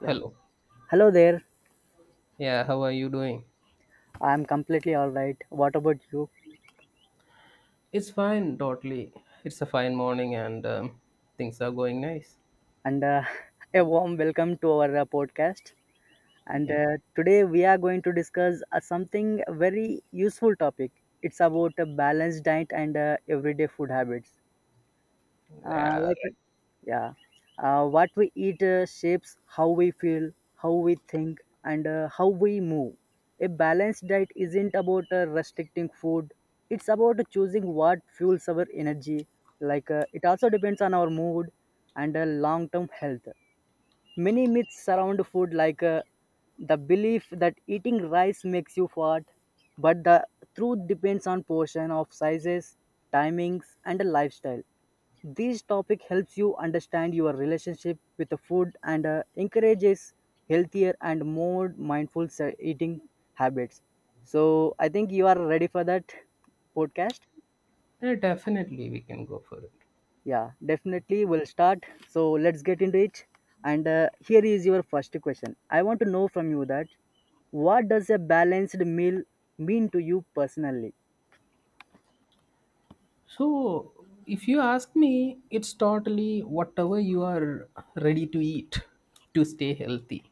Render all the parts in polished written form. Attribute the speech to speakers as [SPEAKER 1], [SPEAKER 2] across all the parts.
[SPEAKER 1] Yeah.
[SPEAKER 2] Hello.
[SPEAKER 1] Hello there.
[SPEAKER 2] Yeah, how are you doing?
[SPEAKER 1] I'm completely all right. What about you?
[SPEAKER 2] It's fine, totally. It's a fine morning and things are going nice.
[SPEAKER 1] And a warm welcome to our podcast. And
[SPEAKER 2] Yeah.
[SPEAKER 1] today we are going to discuss something very useful topic. It's about a balanced diet and everyday food habits.
[SPEAKER 2] Yeah,
[SPEAKER 1] Like, yeah, what we eat shapes how we feel, how we think, and how we move. A balanced diet isn't about restricting food. It's about choosing what fuels our energy, like it also depends on our mood and long term health. Many myths surround food, like the belief that eating rice makes you fat, but the truth depends on portion of sizes, timings, and the lifestyle. This topic helps you understand your relationship with the food and encourages healthier and more mindful eating habits. So, I think you are ready for that podcast.
[SPEAKER 2] yeah, definitely we can go for it.
[SPEAKER 1] Yeah, definitely we'll start. So let's get into it. And here is your first question. I want to know from you that what does a balanced meal mean to you personally?
[SPEAKER 2] So, if you ask me, it's totally whatever you are ready to eat to stay healthy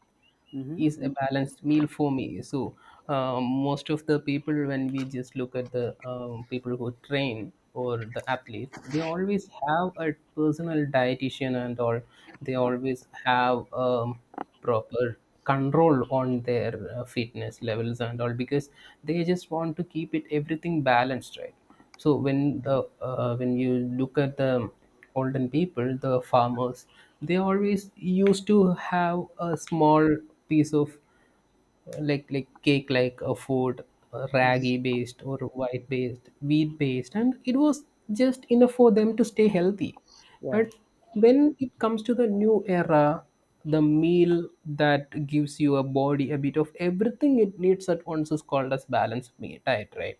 [SPEAKER 1] Mm-hmm.
[SPEAKER 2] is a balanced meal for me. So, most of the people, when we just look at the people who train or the athletes, they always have a personal dietitian and or they always have proper control on their fitness levels and all because they just want to keep it everything balanced, right? So when the when you look at the olden people, the farmers, they always used to have a small piece of like cake like a food, ragi based or white based, wheat based, and it was just enough for them to stay healthy.
[SPEAKER 1] Yeah.
[SPEAKER 2] But when it comes to the new era, the meal that gives you a body a bit of everything it needs at once is called as balanced meal diet, right?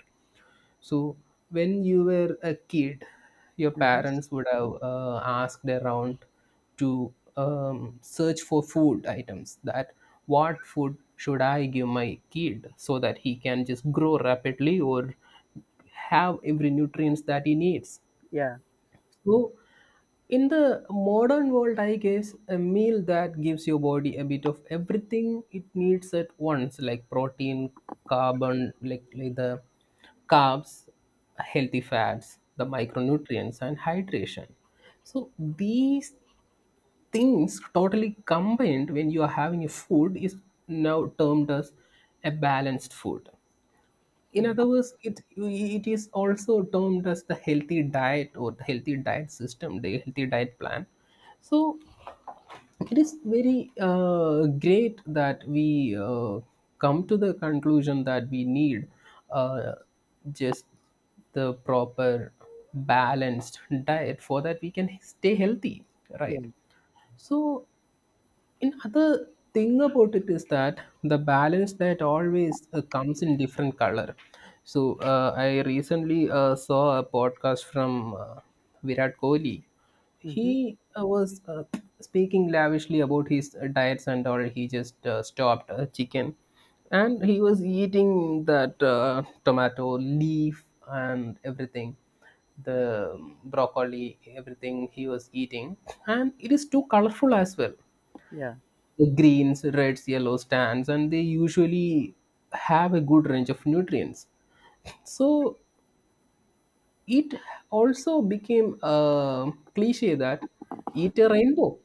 [SPEAKER 2] So, when you were a kid, your
[SPEAKER 1] Mm-hmm.
[SPEAKER 2] parents would have asked around to search for food items that what food should I give my kid so that he can just grow rapidly or have every nutrients that he needs.
[SPEAKER 1] Yeah.
[SPEAKER 2] So in the modern world, I guess a meal that gives your body a bit of everything it needs at once, like protein, carbon, like the carbs, healthy fats, the micronutrients, and hydration. So these things totally combined when you are having a food is now termed as a balanced food. In
[SPEAKER 1] Mm-hmm.
[SPEAKER 2] other words, it is also termed as the healthy diet or the healthy diet system, the healthy diet plan. So it is very great that we come to the conclusion that we need uh, just the proper balanced diet for that we can stay healthy,
[SPEAKER 1] Yeah.
[SPEAKER 2] right? So and other thing about it is that the balance that always comes in different color. So I recently saw a podcast from Virat Kohli.
[SPEAKER 1] Mm-hmm.
[SPEAKER 2] He was speaking lavishly about his diets and all. He just stopped chicken, and he was eating that tomato leaf and everything the broccoli everything he was eating and it is too colorful as well,
[SPEAKER 1] Yeah.
[SPEAKER 2] greens, reds, yellows, tans, and they usually have a good range of nutrients. So it also became a cliche that eat a rainbow.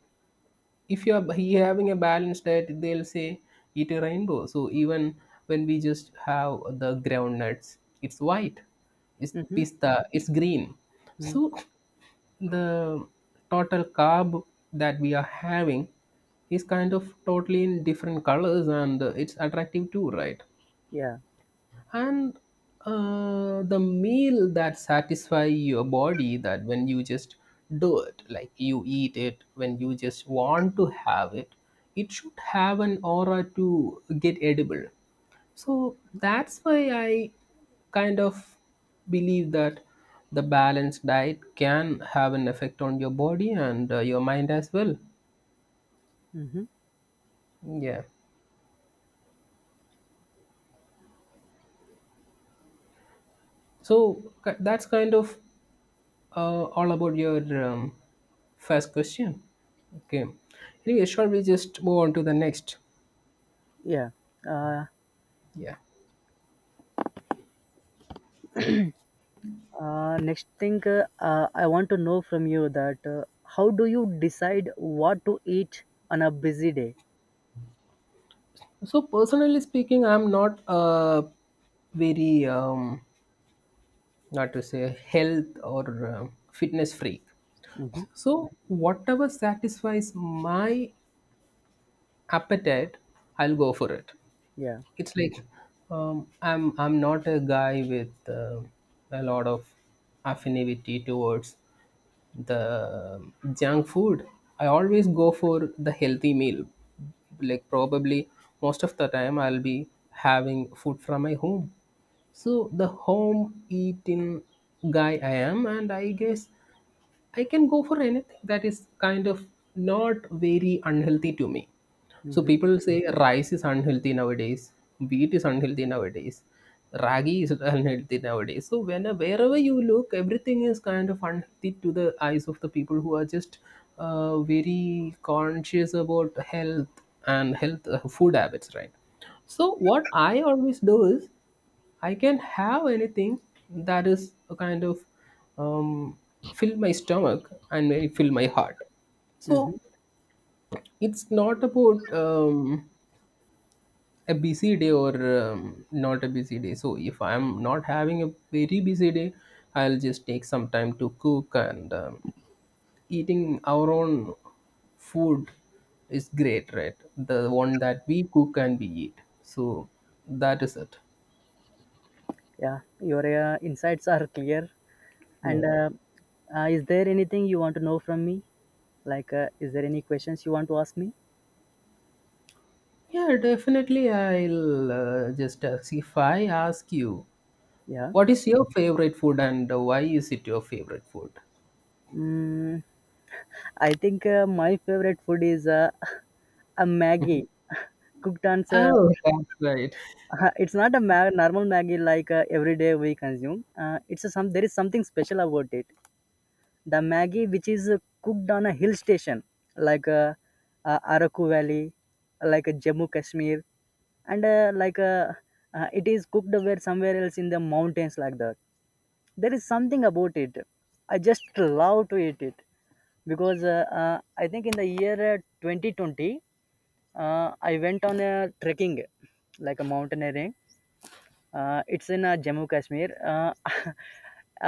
[SPEAKER 2] If you are you having a balanced diet, they'll say eat a rainbow. So even when we just have the ground nuts, it's white, it's
[SPEAKER 1] Mm-hmm.
[SPEAKER 2] pista, it's green.
[SPEAKER 1] Mm-hmm.
[SPEAKER 2] So the total carb that we are having is kind of totally in different colors and it's attractive too, right?
[SPEAKER 1] Yeah.
[SPEAKER 2] And the meal that satisfy your body, that when you just do it like you eat it when you just want to have it, it should have an aura to get edible. So that's why I kind of believe that the balanced diet can have an effect on your body and your mind as well.
[SPEAKER 1] Mm-hmm.
[SPEAKER 2] Yeah. So that's kind of all about your um, first question. Okay. Anyway, shall we just move on to the next?
[SPEAKER 1] Yeah. Uh,
[SPEAKER 2] Yeah.
[SPEAKER 1] Next thing, I want to know from you that how do you decide what to eat on a busy day?
[SPEAKER 2] So personally speaking, I'm not a very not to say health or fitness freak.
[SPEAKER 1] Mm-hmm.
[SPEAKER 2] So, whatever satisfies my appetite, I'll go for it.
[SPEAKER 1] Yeah.
[SPEAKER 2] It's like I'm not a guy with a lot of affinity towards the junk food. I always go for the healthy meal. Like probably most of the time, I'll be having food from my home. So the home eating guy I am, and I guess I can go for anything that is kind of not very unhealthy to me. So
[SPEAKER 1] Mm-hmm.
[SPEAKER 2] people say rice is unhealthy nowadays, wheat is unhealthy nowadays, ragi is unhealthy nowadays. So when wherever you look, everything is kind of unhealthy to the eyes of the people who are just very conscious about health and health food habits, right? So what I always do is I can have anything that is a kind of um, fill my stomach and may fill my heart.
[SPEAKER 1] Mm-hmm.
[SPEAKER 2] So it's not about a busy day or not a busy day. So if I'm not having a very busy day, I'll just take some time to cook and eating our own food is great, right? The one that we cook and we eat. So that is it.
[SPEAKER 1] Yeah, your insights are clear. And
[SPEAKER 2] Yeah.
[SPEAKER 1] is there anything you want to know from me? Like, is there any questions you want to ask me?
[SPEAKER 2] Yeah, definitely. I'll just ask if I ask you,
[SPEAKER 1] Yeah.
[SPEAKER 2] what is your favorite food and why is it your favorite food?
[SPEAKER 1] Mm, I think my favorite food is a Maggie cooked on.
[SPEAKER 2] Oh, that's right.
[SPEAKER 1] It's not a normal Maggie like every day we consume. It's a some. There is something special about it. The Maggie which is cooked on a hill station, like Araku Valley, like Jammu Kashmir, and it is cooked where somewhere else in the mountains like that. There is something about it. I just love to eat it because I think in the year 2020, I went on a trekking, like a mountaineering, it's in Jammu Kashmir,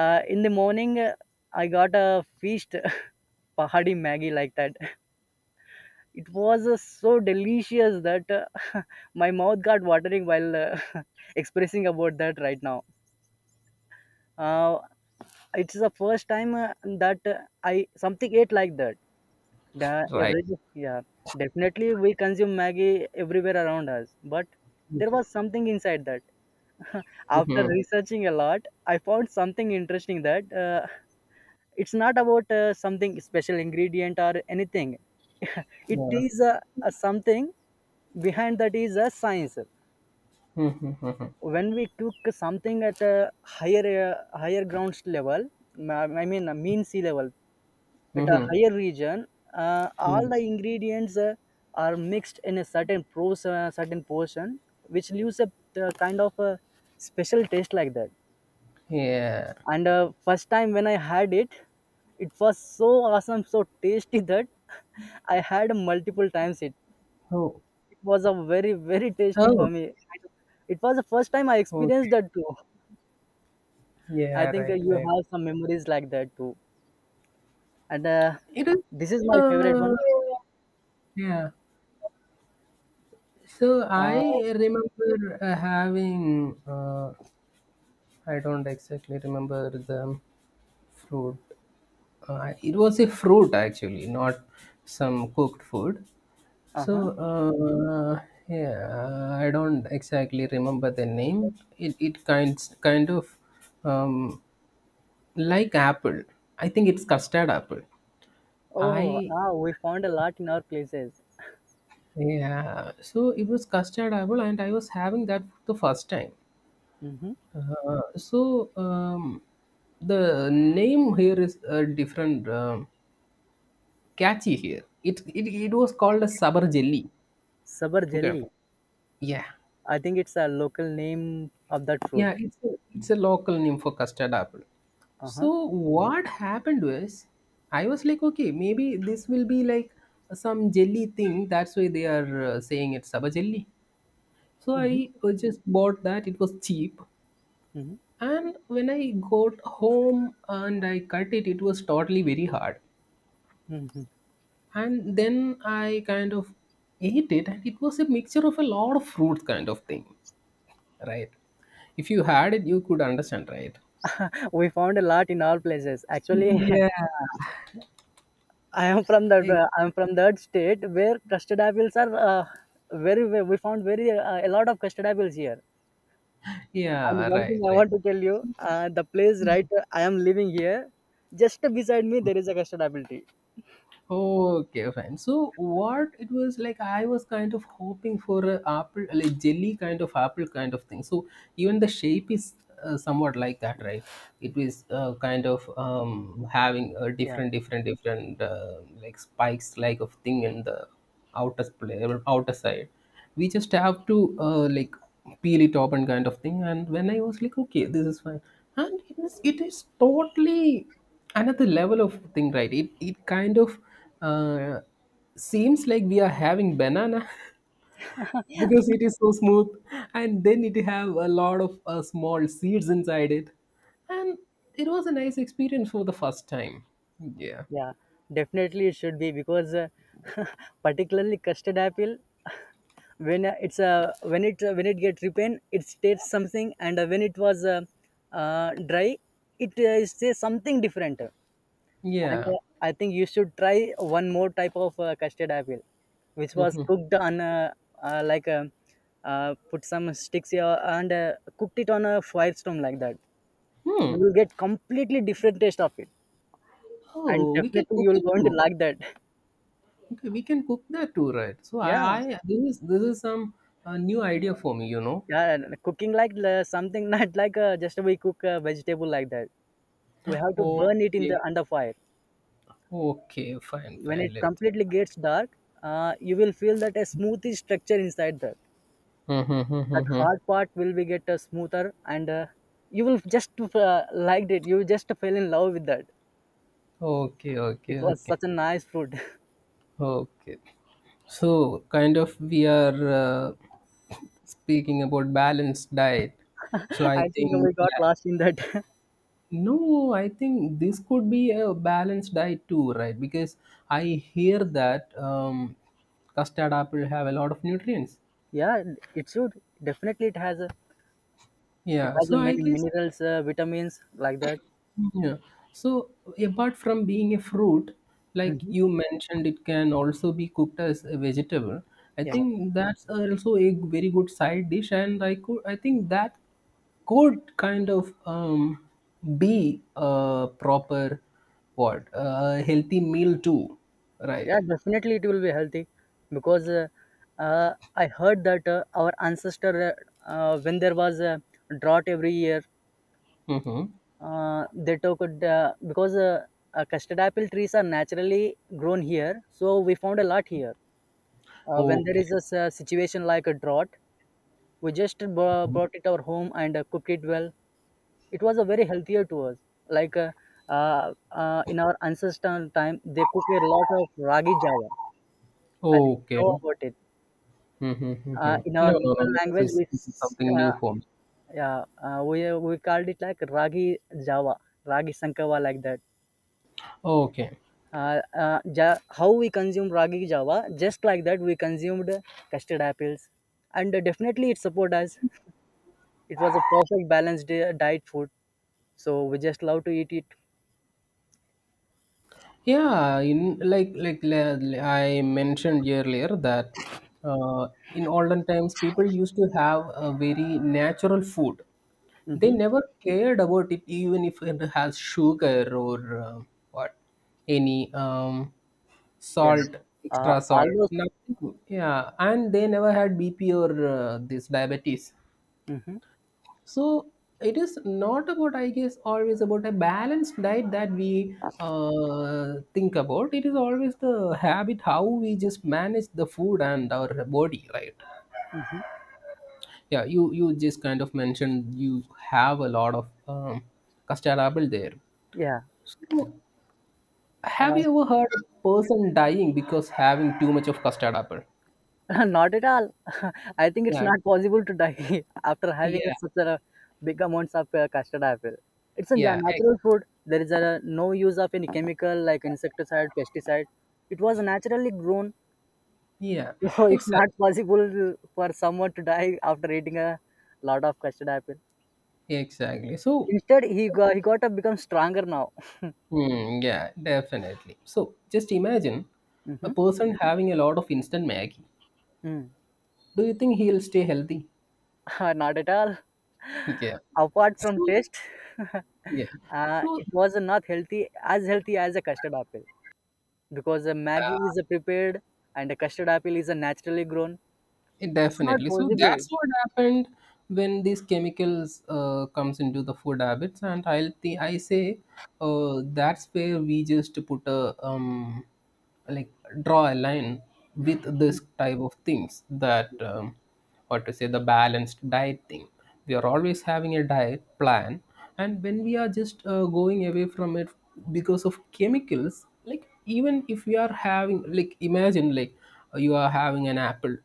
[SPEAKER 1] in the morning, I got a feast, pahadi maggi like that. It was so delicious that my mouth got watering while expressing about that right now. Uh, it's the first time that I something ate like that. The
[SPEAKER 2] Right.
[SPEAKER 1] every Yeah, definitely we consume maggi everywhere around us, but there
[SPEAKER 2] Okay.
[SPEAKER 1] was something inside that. After
[SPEAKER 2] Mm-hmm.
[SPEAKER 1] researching a lot, I found something interesting that. It's not about something special ingredient or anything. It
[SPEAKER 2] Yeah.
[SPEAKER 1] is a something behind that is a science.
[SPEAKER 2] Mm-hmm.
[SPEAKER 1] When we cook something at a higher ground level, I mean a mean sea level at a
[SPEAKER 2] Mm-hmm.
[SPEAKER 1] higher region,
[SPEAKER 2] Mm-hmm.
[SPEAKER 1] all the ingredients are mixed in a certain portion, which leaves a kind of a special taste like that.
[SPEAKER 2] Yeah.
[SPEAKER 1] And first time when I had it, it was so awesome, so tasty that I had multiple times it.
[SPEAKER 2] Oh.
[SPEAKER 1] It was a very, very tasty for
[SPEAKER 2] Oh.
[SPEAKER 1] me. It was the first time I experienced
[SPEAKER 2] Okay.
[SPEAKER 1] that too. I
[SPEAKER 2] Yeah.
[SPEAKER 1] think
[SPEAKER 2] Right.
[SPEAKER 1] you
[SPEAKER 2] Right.
[SPEAKER 1] have some memories like that too. And
[SPEAKER 2] It is.
[SPEAKER 1] this is my favorite
[SPEAKER 2] Uh.
[SPEAKER 1] one.
[SPEAKER 2] Yeah. So I
[SPEAKER 1] Uh,
[SPEAKER 2] remember having. I don't exactly remember the fruit. It was a fruit actually, not some cooked food. So
[SPEAKER 1] uh-huh.
[SPEAKER 2] yeah, I don't exactly remember the name. It kind of um, like apple. I think it's custard apple. I
[SPEAKER 1] Oh, ah, we found a lot in our places.
[SPEAKER 2] Yeah. So it was custard apple, and I was having that for the first time.
[SPEAKER 1] Mm-hmm.
[SPEAKER 2] Uh, so um, the name here is different, catchy here. It was called a sabr jelly.
[SPEAKER 1] Sabar
[SPEAKER 2] Okay.
[SPEAKER 1] jelly.
[SPEAKER 2] Yeah,
[SPEAKER 1] I think it's a local name of that fruit.
[SPEAKER 2] yeah, it's a local name for custard apple.
[SPEAKER 1] Uh-huh.
[SPEAKER 2] So what happened was, I was like, okay, maybe this will be like some jelly thing. That's why they are saying it's saba jelly. So
[SPEAKER 1] Mm-hmm.
[SPEAKER 2] I just bought that. It was cheap,
[SPEAKER 1] Mm-hmm.
[SPEAKER 2] and when I got home and I cut it, it was totally very hard.
[SPEAKER 1] Mm-hmm.
[SPEAKER 2] And then I kind of ate it, and it was a mixture of a lot of fruit kind of thing, right? If you had it, you could understand, right?
[SPEAKER 1] We found a lot in all places. Actually,
[SPEAKER 2] Yeah. ex-
[SPEAKER 1] I am from that state where custard apples are We found very a lot of custard apples here. And
[SPEAKER 2] Yeah,
[SPEAKER 1] one thing
[SPEAKER 2] right,
[SPEAKER 1] I
[SPEAKER 2] right.
[SPEAKER 1] want to tell you, the place right I am living here, just beside me there is a custard apple tree.
[SPEAKER 2] Okay, fine. So what it was like, I was kind of hoping for a apple, like jelly kind of apple kind of thing. So even the shape is somewhat like that, right? It is kind of having a
[SPEAKER 1] Yeah,
[SPEAKER 2] different like spikes like of thing in the outer side. We just have to like peel it open kind of thing. And when I was like, okay, this is fine, and it is totally another level of thing, right? It kind of uh, seems like we are having banana because it is so smooth, and then it have a lot of small seeds inside it, and it was a nice experience for the first time. Yeah.
[SPEAKER 1] yeah, definitely it should be because particularly custard apple. When it get repent it states something, and when it was dry it says something different. And
[SPEAKER 2] Yeah.
[SPEAKER 1] I think you should try one more type of custard apple which was cooked on uh, like uh, put some sticks here and cooked it on a firestone like that. You
[SPEAKER 2] Hmm.
[SPEAKER 1] will get completely different taste of it, and
[SPEAKER 2] Oh, we can
[SPEAKER 1] definitely
[SPEAKER 2] cook
[SPEAKER 1] you'll
[SPEAKER 2] it
[SPEAKER 1] going to
[SPEAKER 2] too.
[SPEAKER 1] like that.
[SPEAKER 2] Okay, we can cook that too, right? so
[SPEAKER 1] Yeah,
[SPEAKER 2] I This is this is some new idea for me, you know?
[SPEAKER 1] yeah, and cooking like something, not like just we cook a vegetable like that. We have to burn it in the
[SPEAKER 2] Okay,
[SPEAKER 1] under fire.
[SPEAKER 2] okay, fine,
[SPEAKER 1] When
[SPEAKER 2] fine.
[SPEAKER 1] it
[SPEAKER 2] Let
[SPEAKER 1] completely gets dark, you will feel that a smoothy structure inside that, that
[SPEAKER 2] Mm-hmm.
[SPEAKER 1] hard part will be get smoother, and you will just liked it, you just fell in love with that.
[SPEAKER 2] Okay, okay,
[SPEAKER 1] It was
[SPEAKER 2] okay,
[SPEAKER 1] such a nice fruit.
[SPEAKER 2] okay. So, kind of, we are speaking about balanced diet. So, I
[SPEAKER 1] I think
[SPEAKER 2] think,
[SPEAKER 1] we got
[SPEAKER 2] yeah,
[SPEAKER 1] lost in that.
[SPEAKER 2] no, I think this could be a balanced diet too, right? Because I hear that custard apple have a lot of nutrients.
[SPEAKER 1] Yeah, it should. Definitely it
[SPEAKER 2] Yeah,
[SPEAKER 1] has a
[SPEAKER 2] so I
[SPEAKER 1] many
[SPEAKER 2] guess.
[SPEAKER 1] minerals, vitamins like that.
[SPEAKER 2] Yeah. So apart from being a fruit, like
[SPEAKER 1] Hmm.
[SPEAKER 2] you mentioned, it can also be cooked as a vegetable. I
[SPEAKER 1] Yeah.
[SPEAKER 2] think that's also a very good side dish, and I think that could kind of be a proper, what a healthy meal too, right?
[SPEAKER 1] Yeah, definitely it will be healthy because I heard that our ancestor, when there was a drought every year,
[SPEAKER 2] Mm-hmm.
[SPEAKER 1] they took it because custard apple trees are naturally grown here. So we found a lot here. When there
[SPEAKER 2] Okay.
[SPEAKER 1] is a situation like a drought, we just brought it our home and cooked it well. It was a very healthier to us. Like, in our ancestral time, they cook a lot of ragi java. I think you know
[SPEAKER 2] Okay.
[SPEAKER 1] about it.
[SPEAKER 2] Mm-hmm.
[SPEAKER 1] In our
[SPEAKER 2] No, no, no.
[SPEAKER 1] local
[SPEAKER 2] no,
[SPEAKER 1] language,
[SPEAKER 2] this is,
[SPEAKER 1] we
[SPEAKER 2] this is
[SPEAKER 1] s-
[SPEAKER 2] something new for me.
[SPEAKER 1] yeah we called it like ragi java, ragi sankava like that.
[SPEAKER 2] Okay.
[SPEAKER 1] How we consume ragi java, just like that we consumed custard apples, and definitely it supported us. It was a perfect balanced diet food, so we just love to eat it.
[SPEAKER 2] Yeah, in like la- la- I mentioned earlier that in olden times people used to have a very natural food. They
[SPEAKER 1] Hmm.
[SPEAKER 2] never cared about it, even if it has sugar or what any
[SPEAKER 1] Yeah,
[SPEAKER 2] salt, extra
[SPEAKER 1] all
[SPEAKER 2] salt,
[SPEAKER 1] those.
[SPEAKER 2] nothing. Yeah, and they never had BP or this diabetes.
[SPEAKER 1] Hmm.
[SPEAKER 2] So it is not about, I guess, always about a balanced diet that we think about. It is always the habit how we just manage the food and our body, right?
[SPEAKER 1] Hmm.
[SPEAKER 2] Yeah, you just kind of mentioned you have a lot of custard apple there.
[SPEAKER 1] Yeah.
[SPEAKER 2] So have
[SPEAKER 1] Uh,
[SPEAKER 2] you ever heard a person dying because having too much of custard apple?
[SPEAKER 1] Not at all. I think it's
[SPEAKER 2] Yeah,
[SPEAKER 1] not possible to die after having
[SPEAKER 2] yeah,
[SPEAKER 1] such a big amounts of custard apple. It's a
[SPEAKER 2] yeah,
[SPEAKER 1] natural food. There is a, no use of any chemical like insecticide, pesticide. It was naturally grown,
[SPEAKER 2] yeah,
[SPEAKER 1] so it's not
[SPEAKER 2] exactly,
[SPEAKER 1] possible for someone to die after eating a lot of custard apple.
[SPEAKER 2] exactly. So
[SPEAKER 1] Instead, he got to become stronger now.
[SPEAKER 2] hmm, yeah, definitely. So just imagine a person having a lot of instant Maggie.
[SPEAKER 1] Hmm.
[SPEAKER 2] Do you think he'll stay healthy?
[SPEAKER 1] Not at all.
[SPEAKER 2] Yeah.
[SPEAKER 1] Apart from
[SPEAKER 2] So,
[SPEAKER 1] taste,
[SPEAKER 2] yeah. So
[SPEAKER 1] it was not healthy as healthy as a custard apple because a Maggie is a prepared and a custard apple is a naturally grown.
[SPEAKER 2] it
[SPEAKER 1] It's not
[SPEAKER 2] definitely. So
[SPEAKER 1] possible.
[SPEAKER 2] that's what happened when these chemicals comes into the food habits, and I say that's where we just put a like draw a line with this type of things that what to say the balanced diet thing. We are always having a diet plan, and when we are just going away from it because of chemicals. Like, even if we are having, like, imagine, like, you are having an apple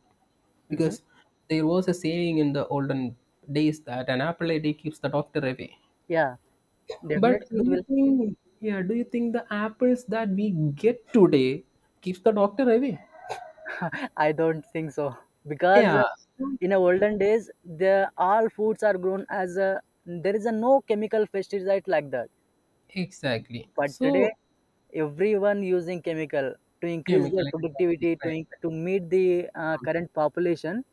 [SPEAKER 1] Hmm.
[SPEAKER 2] because there was a saying in the olden days that an apple a day keeps the doctor away.
[SPEAKER 1] Yeah,
[SPEAKER 2] But
[SPEAKER 1] definitely
[SPEAKER 2] do
[SPEAKER 1] it
[SPEAKER 2] you
[SPEAKER 1] will.
[SPEAKER 2] think, yeah, do you think the apples that we get today keeps the doctor away?
[SPEAKER 1] I don't think so because
[SPEAKER 2] yeah so-
[SPEAKER 1] in the olden days, the all foods are grown as a, there is a no chemical pesticide like that.
[SPEAKER 2] exactly.
[SPEAKER 1] But
[SPEAKER 2] So
[SPEAKER 1] today, everyone using chemical to increase their
[SPEAKER 2] chemical, exactly,
[SPEAKER 1] productivity
[SPEAKER 2] right, right.
[SPEAKER 1] to meet the current population.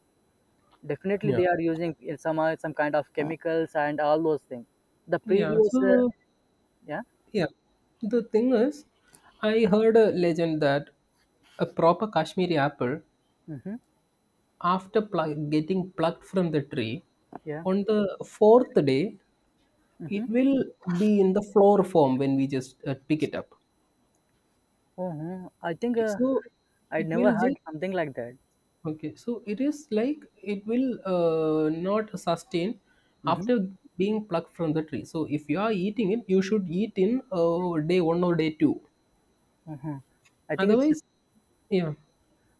[SPEAKER 1] Definitely,
[SPEAKER 2] Yeah,
[SPEAKER 1] they are using some kind of chemicals and all those things. The
[SPEAKER 2] yeah,
[SPEAKER 1] previous, uh,
[SPEAKER 2] so
[SPEAKER 1] yeah,
[SPEAKER 2] yeah, the thing is, I heard a legend that a proper Kashmiri apple,
[SPEAKER 1] mm-hmm,
[SPEAKER 2] after getting plucked from the tree,
[SPEAKER 1] yeah,
[SPEAKER 2] on the fourth day
[SPEAKER 1] mm-hmm,
[SPEAKER 2] it will be in the floor form when we just pick it up.
[SPEAKER 1] I think
[SPEAKER 2] So
[SPEAKER 1] I
[SPEAKER 2] it
[SPEAKER 1] never
[SPEAKER 2] will just,
[SPEAKER 1] heard something like that.
[SPEAKER 2] okay, so it is like it will not sustain
[SPEAKER 1] Mm-hmm.
[SPEAKER 2] after being plucked from the tree. So if you are eating it, you should eat in day 1 or day 2.
[SPEAKER 1] uh I think it's
[SPEAKER 2] Otherwise, yeah,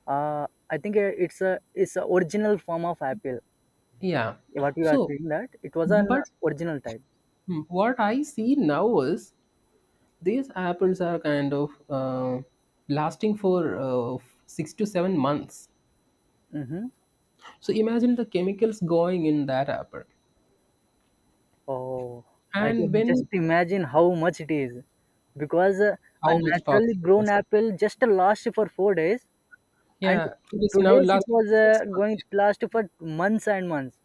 [SPEAKER 1] I think, it's a original form of apple.
[SPEAKER 2] yeah,
[SPEAKER 1] What you are
[SPEAKER 2] so
[SPEAKER 1] saying that it was an
[SPEAKER 2] but
[SPEAKER 1] original type.
[SPEAKER 2] what I see now is these apples are kind of lasting for 6 to 7 months.
[SPEAKER 1] Mm-hmm.
[SPEAKER 2] So imagine the chemicals going in that apple,
[SPEAKER 1] Oh, I
[SPEAKER 2] and
[SPEAKER 1] can just
[SPEAKER 2] when
[SPEAKER 1] imagine how much it is because a
[SPEAKER 2] how much
[SPEAKER 1] naturally
[SPEAKER 2] toxic it
[SPEAKER 1] grown
[SPEAKER 2] is.
[SPEAKER 1] apple just lasts for 4 days, and
[SPEAKER 2] Yeah, it is now
[SPEAKER 1] today's it
[SPEAKER 2] lasting
[SPEAKER 1] was
[SPEAKER 2] for six months.
[SPEAKER 1] going to
[SPEAKER 2] Yeah.
[SPEAKER 1] last for months and months.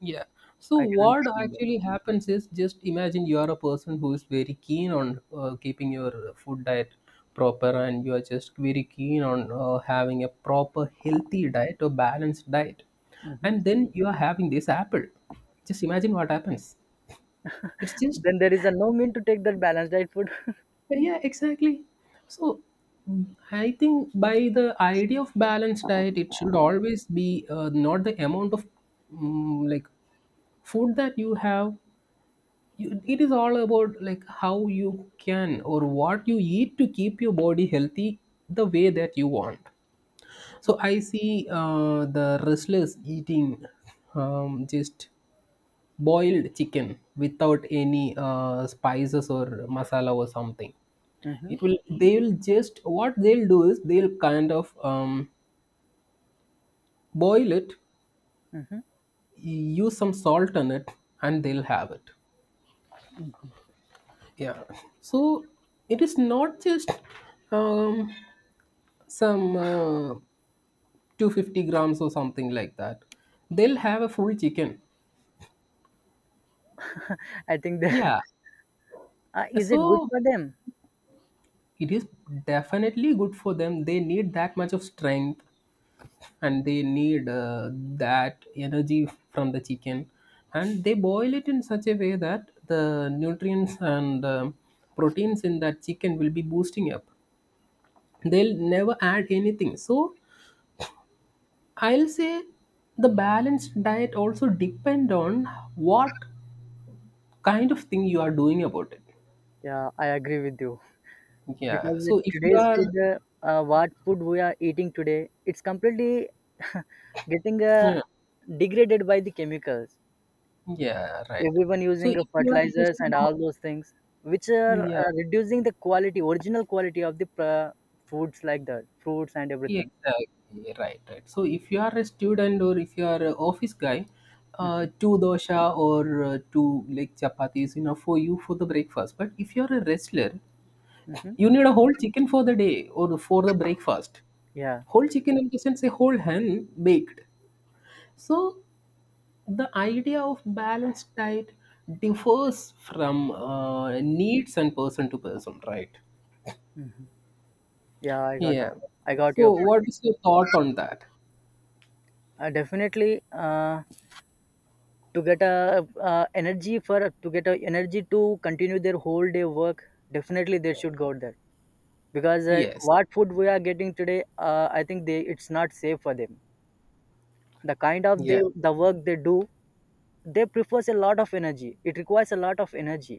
[SPEAKER 2] Yeah. So
[SPEAKER 1] I can
[SPEAKER 2] what
[SPEAKER 1] understand that.
[SPEAKER 2] actually happens is, just imagine you are a person who is very keen on keeping your food diet proper, and you are just very keen on having a proper healthy diet or balanced diet,
[SPEAKER 1] Hmm.
[SPEAKER 2] and then you are having this apple. Just imagine what happens. It's just,
[SPEAKER 1] Then there is a no mean to take that balanced diet food.
[SPEAKER 2] yeah, exactly. So I think by the idea of balanced diet, it should always be not the amount of, mm like food that you have. You, it is all about, like, how you can or what you eat to keep your body healthy the way that you want. So I see the wrestlers eating just boiled chicken without any spices or masala or something.
[SPEAKER 1] Hmm.
[SPEAKER 2] It will, they'll just, what they'll do is they'll kind of boil it,
[SPEAKER 1] Hmm.
[SPEAKER 2] use some salt on it, and they'll have it. Yeah. So it is not just um, some 250 grams or something like that. They'll have a full chicken.
[SPEAKER 1] I think that,
[SPEAKER 2] Yeah.
[SPEAKER 1] is it good
[SPEAKER 2] So
[SPEAKER 1] for them?
[SPEAKER 2] it is definitely good for them. They need that much of strength, and they need that energy from the chicken, and they boil it in such a way that the nutrients and proteins in that chicken will be boosting up. They'll never add anything. So I'll say the balanced diet also depend on what kind of thing you are doing about it.
[SPEAKER 1] Yeah, I agree with you
[SPEAKER 2] Yeah.
[SPEAKER 1] because
[SPEAKER 2] So if you
[SPEAKER 1] today's
[SPEAKER 2] are,
[SPEAKER 1] food, what food we are eating today, it's completely getting
[SPEAKER 2] yeah,
[SPEAKER 1] degraded by the chemicals.
[SPEAKER 2] yeah, right.
[SPEAKER 1] Everyone
[SPEAKER 2] So
[SPEAKER 1] using
[SPEAKER 2] if you are just
[SPEAKER 1] fertilizers and
[SPEAKER 2] an,
[SPEAKER 1] all those things which are
[SPEAKER 2] yeah,
[SPEAKER 1] reducing the quality original quality of the foods like that, fruits and everything.
[SPEAKER 2] exactly, right, right. So if you are a student or if you are an office guy,
[SPEAKER 1] Mm-hmm.
[SPEAKER 2] two dosha or two like chapati is enough for you for the breakfast. But if you are a wrestler,
[SPEAKER 1] Hmm.
[SPEAKER 2] you need a whole chicken for the day or for the breakfast.
[SPEAKER 1] Yeah.
[SPEAKER 2] Whole chicken in the sense a whole hen baked. So the idea of balanced diet differs from needs and person to person, right?
[SPEAKER 1] Hmm. Yeah,
[SPEAKER 2] Yeah.
[SPEAKER 1] I got your
[SPEAKER 2] So
[SPEAKER 1] point.
[SPEAKER 2] what is your thought on that?
[SPEAKER 1] Definitely, to get a energy to continue their whole day work. Definitely they should go there because
[SPEAKER 2] Yes.
[SPEAKER 1] what food we are getting today, I think they it's not safe for them, the kind of
[SPEAKER 2] Yeah.
[SPEAKER 1] the work they do. They prefers a lot of energy. It requires a lot of energy,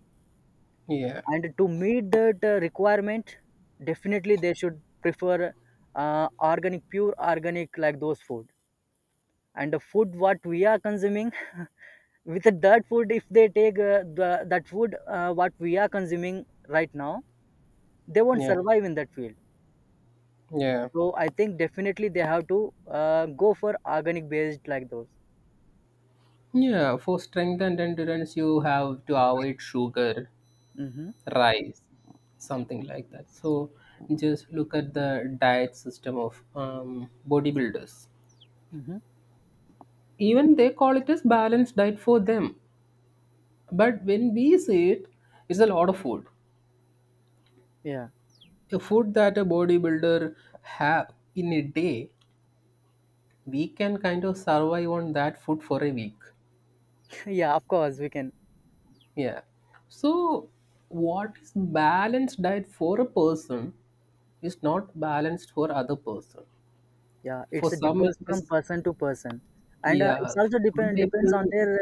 [SPEAKER 2] Yeah.
[SPEAKER 1] and to meet that requirement, definitely they should prefer organic, pure organic like those food. And the food what we are consuming, with that food, if they take that food what we are consuming right now, they won't
[SPEAKER 2] Yeah,
[SPEAKER 1] survive in that field.
[SPEAKER 2] yeah,
[SPEAKER 1] So I think definitely they have to go for organic based like those.
[SPEAKER 2] yeah. For strength and endurance, you have to avoid sugar,
[SPEAKER 1] Mm-hmm.
[SPEAKER 2] rice, something like that. So just look at the diet system of bodybuilders.
[SPEAKER 1] Mm-hmm.
[SPEAKER 2] Even they call it as balanced diet for them. But when we see it, it's a lot of food.
[SPEAKER 1] Yeah.
[SPEAKER 2] The food that a bodybuilder have in a day, we can kind of survive on that food for a week.
[SPEAKER 1] Yeah, of course we can.
[SPEAKER 2] Yeah. So what is balanced diet for a person is not balanced for other person.
[SPEAKER 1] Yeah, it's
[SPEAKER 2] For some, it
[SPEAKER 1] differs from
[SPEAKER 2] is
[SPEAKER 1] person to person, and it's
[SPEAKER 2] yeah. For
[SPEAKER 1] also
[SPEAKER 2] some
[SPEAKER 1] depends
[SPEAKER 2] people,
[SPEAKER 1] on their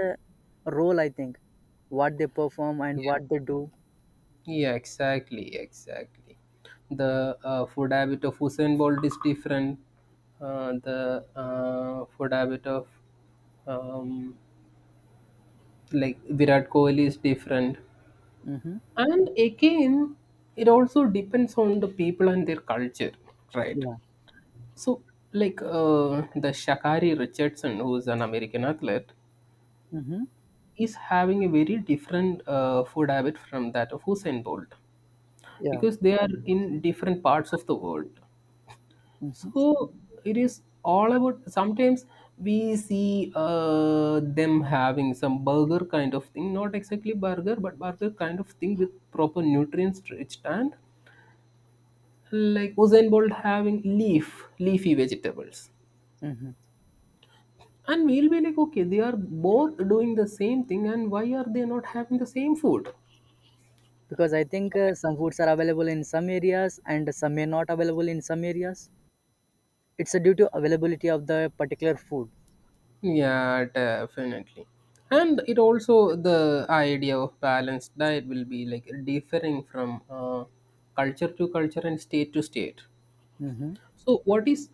[SPEAKER 1] role. I think what they perform and
[SPEAKER 2] yeah,
[SPEAKER 1] what they do.
[SPEAKER 2] yeah, exactly, exactly. The food habit of Usain Bolt is different. The food habit of um, Virat Kohli is different.
[SPEAKER 1] Mm-hmm.
[SPEAKER 2] And again, it also depends on the people and their culture, right?
[SPEAKER 1] Yeah.
[SPEAKER 2] So, like, the Shakari Richardson, who is an American athlete,
[SPEAKER 1] Mm-hmm.
[SPEAKER 2] is having a very different food habit from that of Usain Bolt
[SPEAKER 1] Yeah.
[SPEAKER 2] because they are in different parts of the world.
[SPEAKER 1] Mm-hmm.
[SPEAKER 2] So it is all about. Sometimes we see them having some burger kind of thing, not exactly burger, but burger kind of thing with proper nutrients rich and, like, Usain Bolt having leaf, leafy vegetables.
[SPEAKER 1] Mm-hmm.
[SPEAKER 2] And we'll be like, okay, they are both doing the same thing, and why are they not having the same food?
[SPEAKER 1] Because I think some foods are available in some areas and some may not available in some areas. It's due to availability of the particular food.
[SPEAKER 2] Yeah, definitely. And it also, the idea of balanced diet will be like differing from culture to culture and state to state.
[SPEAKER 1] Mm-hmm.
[SPEAKER 2] So, what is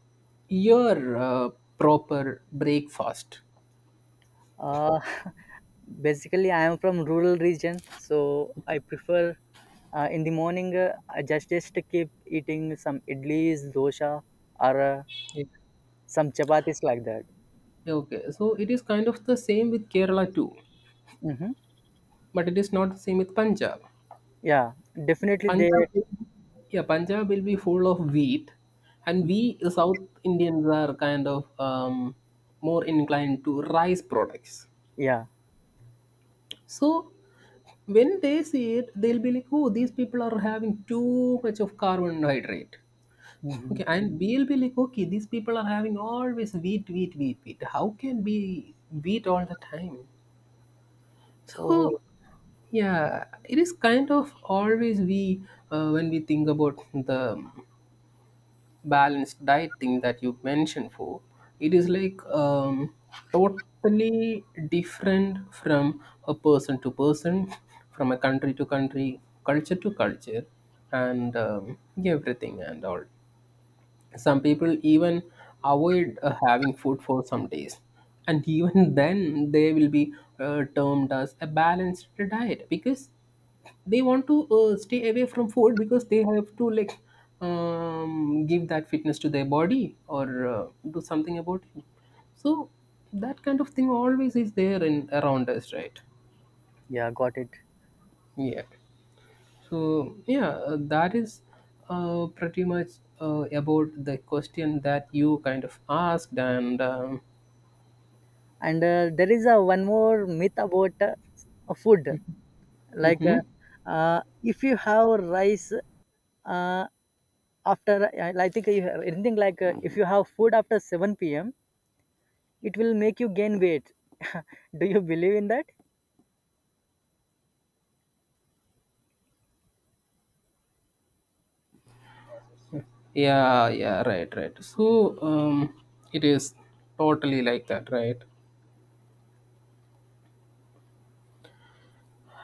[SPEAKER 2] your proper breakfast?
[SPEAKER 1] Uh, Basically, I am from rural region, so I prefer in the morning, I just keep eating some idlis, dosa, or
[SPEAKER 2] Yeah.
[SPEAKER 1] some chapatis like that.
[SPEAKER 2] Okay, so it is kind of the same with Kerala too,
[SPEAKER 1] Mm-hmm.
[SPEAKER 2] but it is not the same with Punjab.
[SPEAKER 1] Yeah, definitely
[SPEAKER 2] Punjab,
[SPEAKER 1] they.
[SPEAKER 2] yeah, Punjab will be full of wheat, and we South Indians are kind of more inclined to rice products.
[SPEAKER 1] Yeah.
[SPEAKER 2] So when they see it, they'll be like, "Oh, these people are having too much of carbohydrate."
[SPEAKER 1] Hmm.
[SPEAKER 2] Okay, and we'll be like, "Okay, these people are having always wheat, wheat, wheat, wheat. How can we wheat all the time?"
[SPEAKER 1] Oh,
[SPEAKER 2] So yeah, it is kind of always we, when we think about the balanced diet thing that you mentioned for, it is like totally different from a person to person, from a country to country, culture to culture, and everything and all. Some people even avoid having food for some days, and even then they will be termed as a balanced diet because they want to stay away from food because they have to, like, give that fitness to their body or do something about it. So that kind of thing always is there and around us, right?
[SPEAKER 1] yeah, got it.
[SPEAKER 2] Yeah. So yeah, that is pretty much about the question that you kind of asked, and
[SPEAKER 1] And there is a one more myth about food, like if you have rice, uh, after I think you have anything, like if you have food after 7 p.m. It will make you gain weight. Do you believe in that?
[SPEAKER 2] yeah, yeah, right, right. So it is totally like that, right?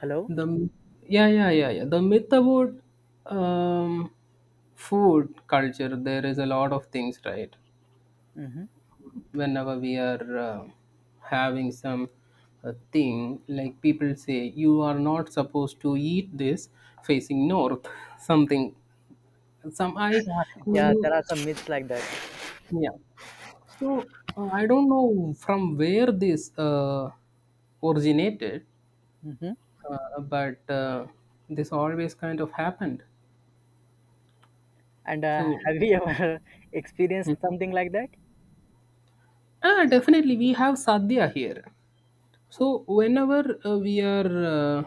[SPEAKER 1] Hello?
[SPEAKER 2] The, yeah, yeah, yeah, yeah. The myth about um, food culture, there is a lot of things, right?
[SPEAKER 1] Hmm.
[SPEAKER 2] Whenever we are having some thing, like people say, you are not supposed to eat this facing north, something. Some I, you
[SPEAKER 1] Yeah, there
[SPEAKER 2] know,
[SPEAKER 1] are some myths like that.
[SPEAKER 2] yeah. So I don't know from where this originated,
[SPEAKER 1] Hmm.
[SPEAKER 2] but this always kind of happened.
[SPEAKER 1] And
[SPEAKER 2] So
[SPEAKER 1] have you ever experienced
[SPEAKER 2] Mm.
[SPEAKER 1] something like that?
[SPEAKER 2] Ah, definitely, we have sadhya here. So whenever we are uh,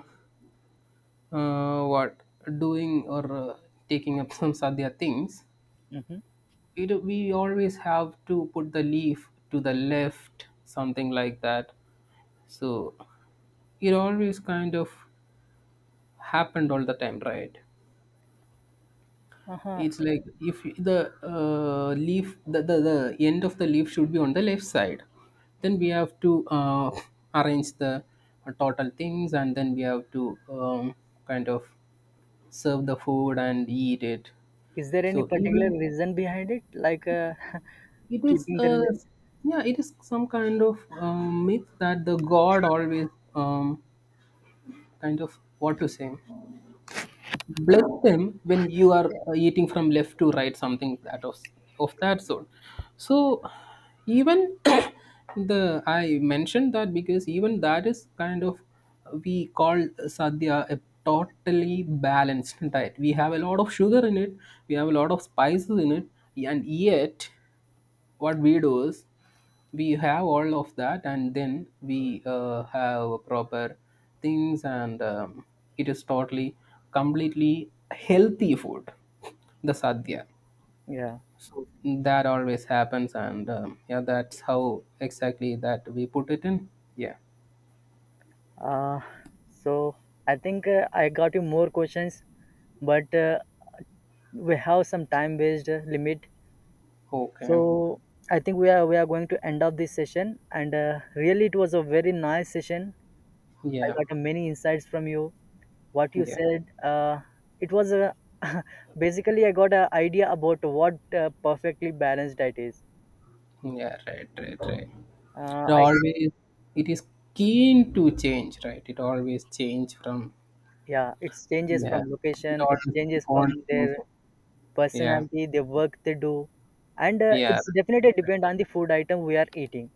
[SPEAKER 2] uh, what doing or taking up some sadhya things,
[SPEAKER 1] Hmm.
[SPEAKER 2] it, we always have to put the leaf to the left, something like that. So it always kind of happened all the time, right?
[SPEAKER 1] Uh-huh.
[SPEAKER 2] It's like if the leaf, the, the end of the leaf should be on the left side. Then we have to arrange the total things, and then we have to kind of serve the food and eat it.
[SPEAKER 1] Is there any
[SPEAKER 2] So
[SPEAKER 1] particular
[SPEAKER 2] even
[SPEAKER 1] reason behind it? Like,
[SPEAKER 2] it is
[SPEAKER 1] keeping
[SPEAKER 2] a,
[SPEAKER 1] the.
[SPEAKER 2] yeah, it is some kind of myth that the god always um, kind of, what to say, bless them when you are eating from left to right, something that of that sort. So even the, I mentioned that because even that is kind of we call sadhya a totally balanced diet. We have a lot of sugar in it, we have a lot of spices in it, and yet what we do is we have all of that and then we have proper things, and it is totally completely healthy food, the sadhya.
[SPEAKER 1] Yeah.
[SPEAKER 2] So that always happens, and yeah, that's how exactly that we put it in. Yeah.
[SPEAKER 1] Uh, so I think I got you more questions, but we have some time based limit. So
[SPEAKER 2] Okay.
[SPEAKER 1] I think we are going to end up this session, and really it was a very nice session. I
[SPEAKER 2] Yeah,
[SPEAKER 1] got many insights from you. What you
[SPEAKER 2] yeah,
[SPEAKER 1] said, it was a. Basically, I got an idea about what perfectly balanced diet is.
[SPEAKER 2] yeah, right, right, right. It
[SPEAKER 1] I
[SPEAKER 2] always, it is keen to change, right? It always change from,
[SPEAKER 1] Yeah, it changes
[SPEAKER 2] yeah,
[SPEAKER 1] from
[SPEAKER 2] it
[SPEAKER 1] location,
[SPEAKER 2] always
[SPEAKER 1] it changes
[SPEAKER 2] keep
[SPEAKER 1] from
[SPEAKER 2] on
[SPEAKER 1] their
[SPEAKER 2] changing. Yeah,
[SPEAKER 1] personality, their work they do, and
[SPEAKER 2] yeah,
[SPEAKER 1] it's definitely
[SPEAKER 2] right.
[SPEAKER 1] depend on the food item we are eating.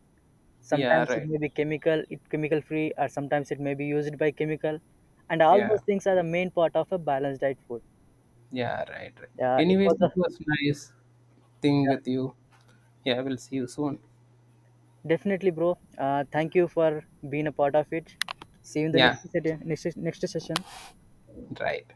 [SPEAKER 2] Yeah,
[SPEAKER 1] Sometimes it
[SPEAKER 2] right.
[SPEAKER 1] may be chemical, it chemical free, or sometimes it may be used by chemical, and all
[SPEAKER 2] Yeah,
[SPEAKER 1] those things are the main part of a balanced diet food.
[SPEAKER 2] yeah, right, right.
[SPEAKER 1] It
[SPEAKER 2] Anyways,
[SPEAKER 1] was a
[SPEAKER 2] it was nice thing with you. Yeah, we'll see you soon.
[SPEAKER 1] Definitely, bro, thank you for being a part of it. See you in the
[SPEAKER 2] Yeah,
[SPEAKER 1] next session, next session.
[SPEAKER 2] right.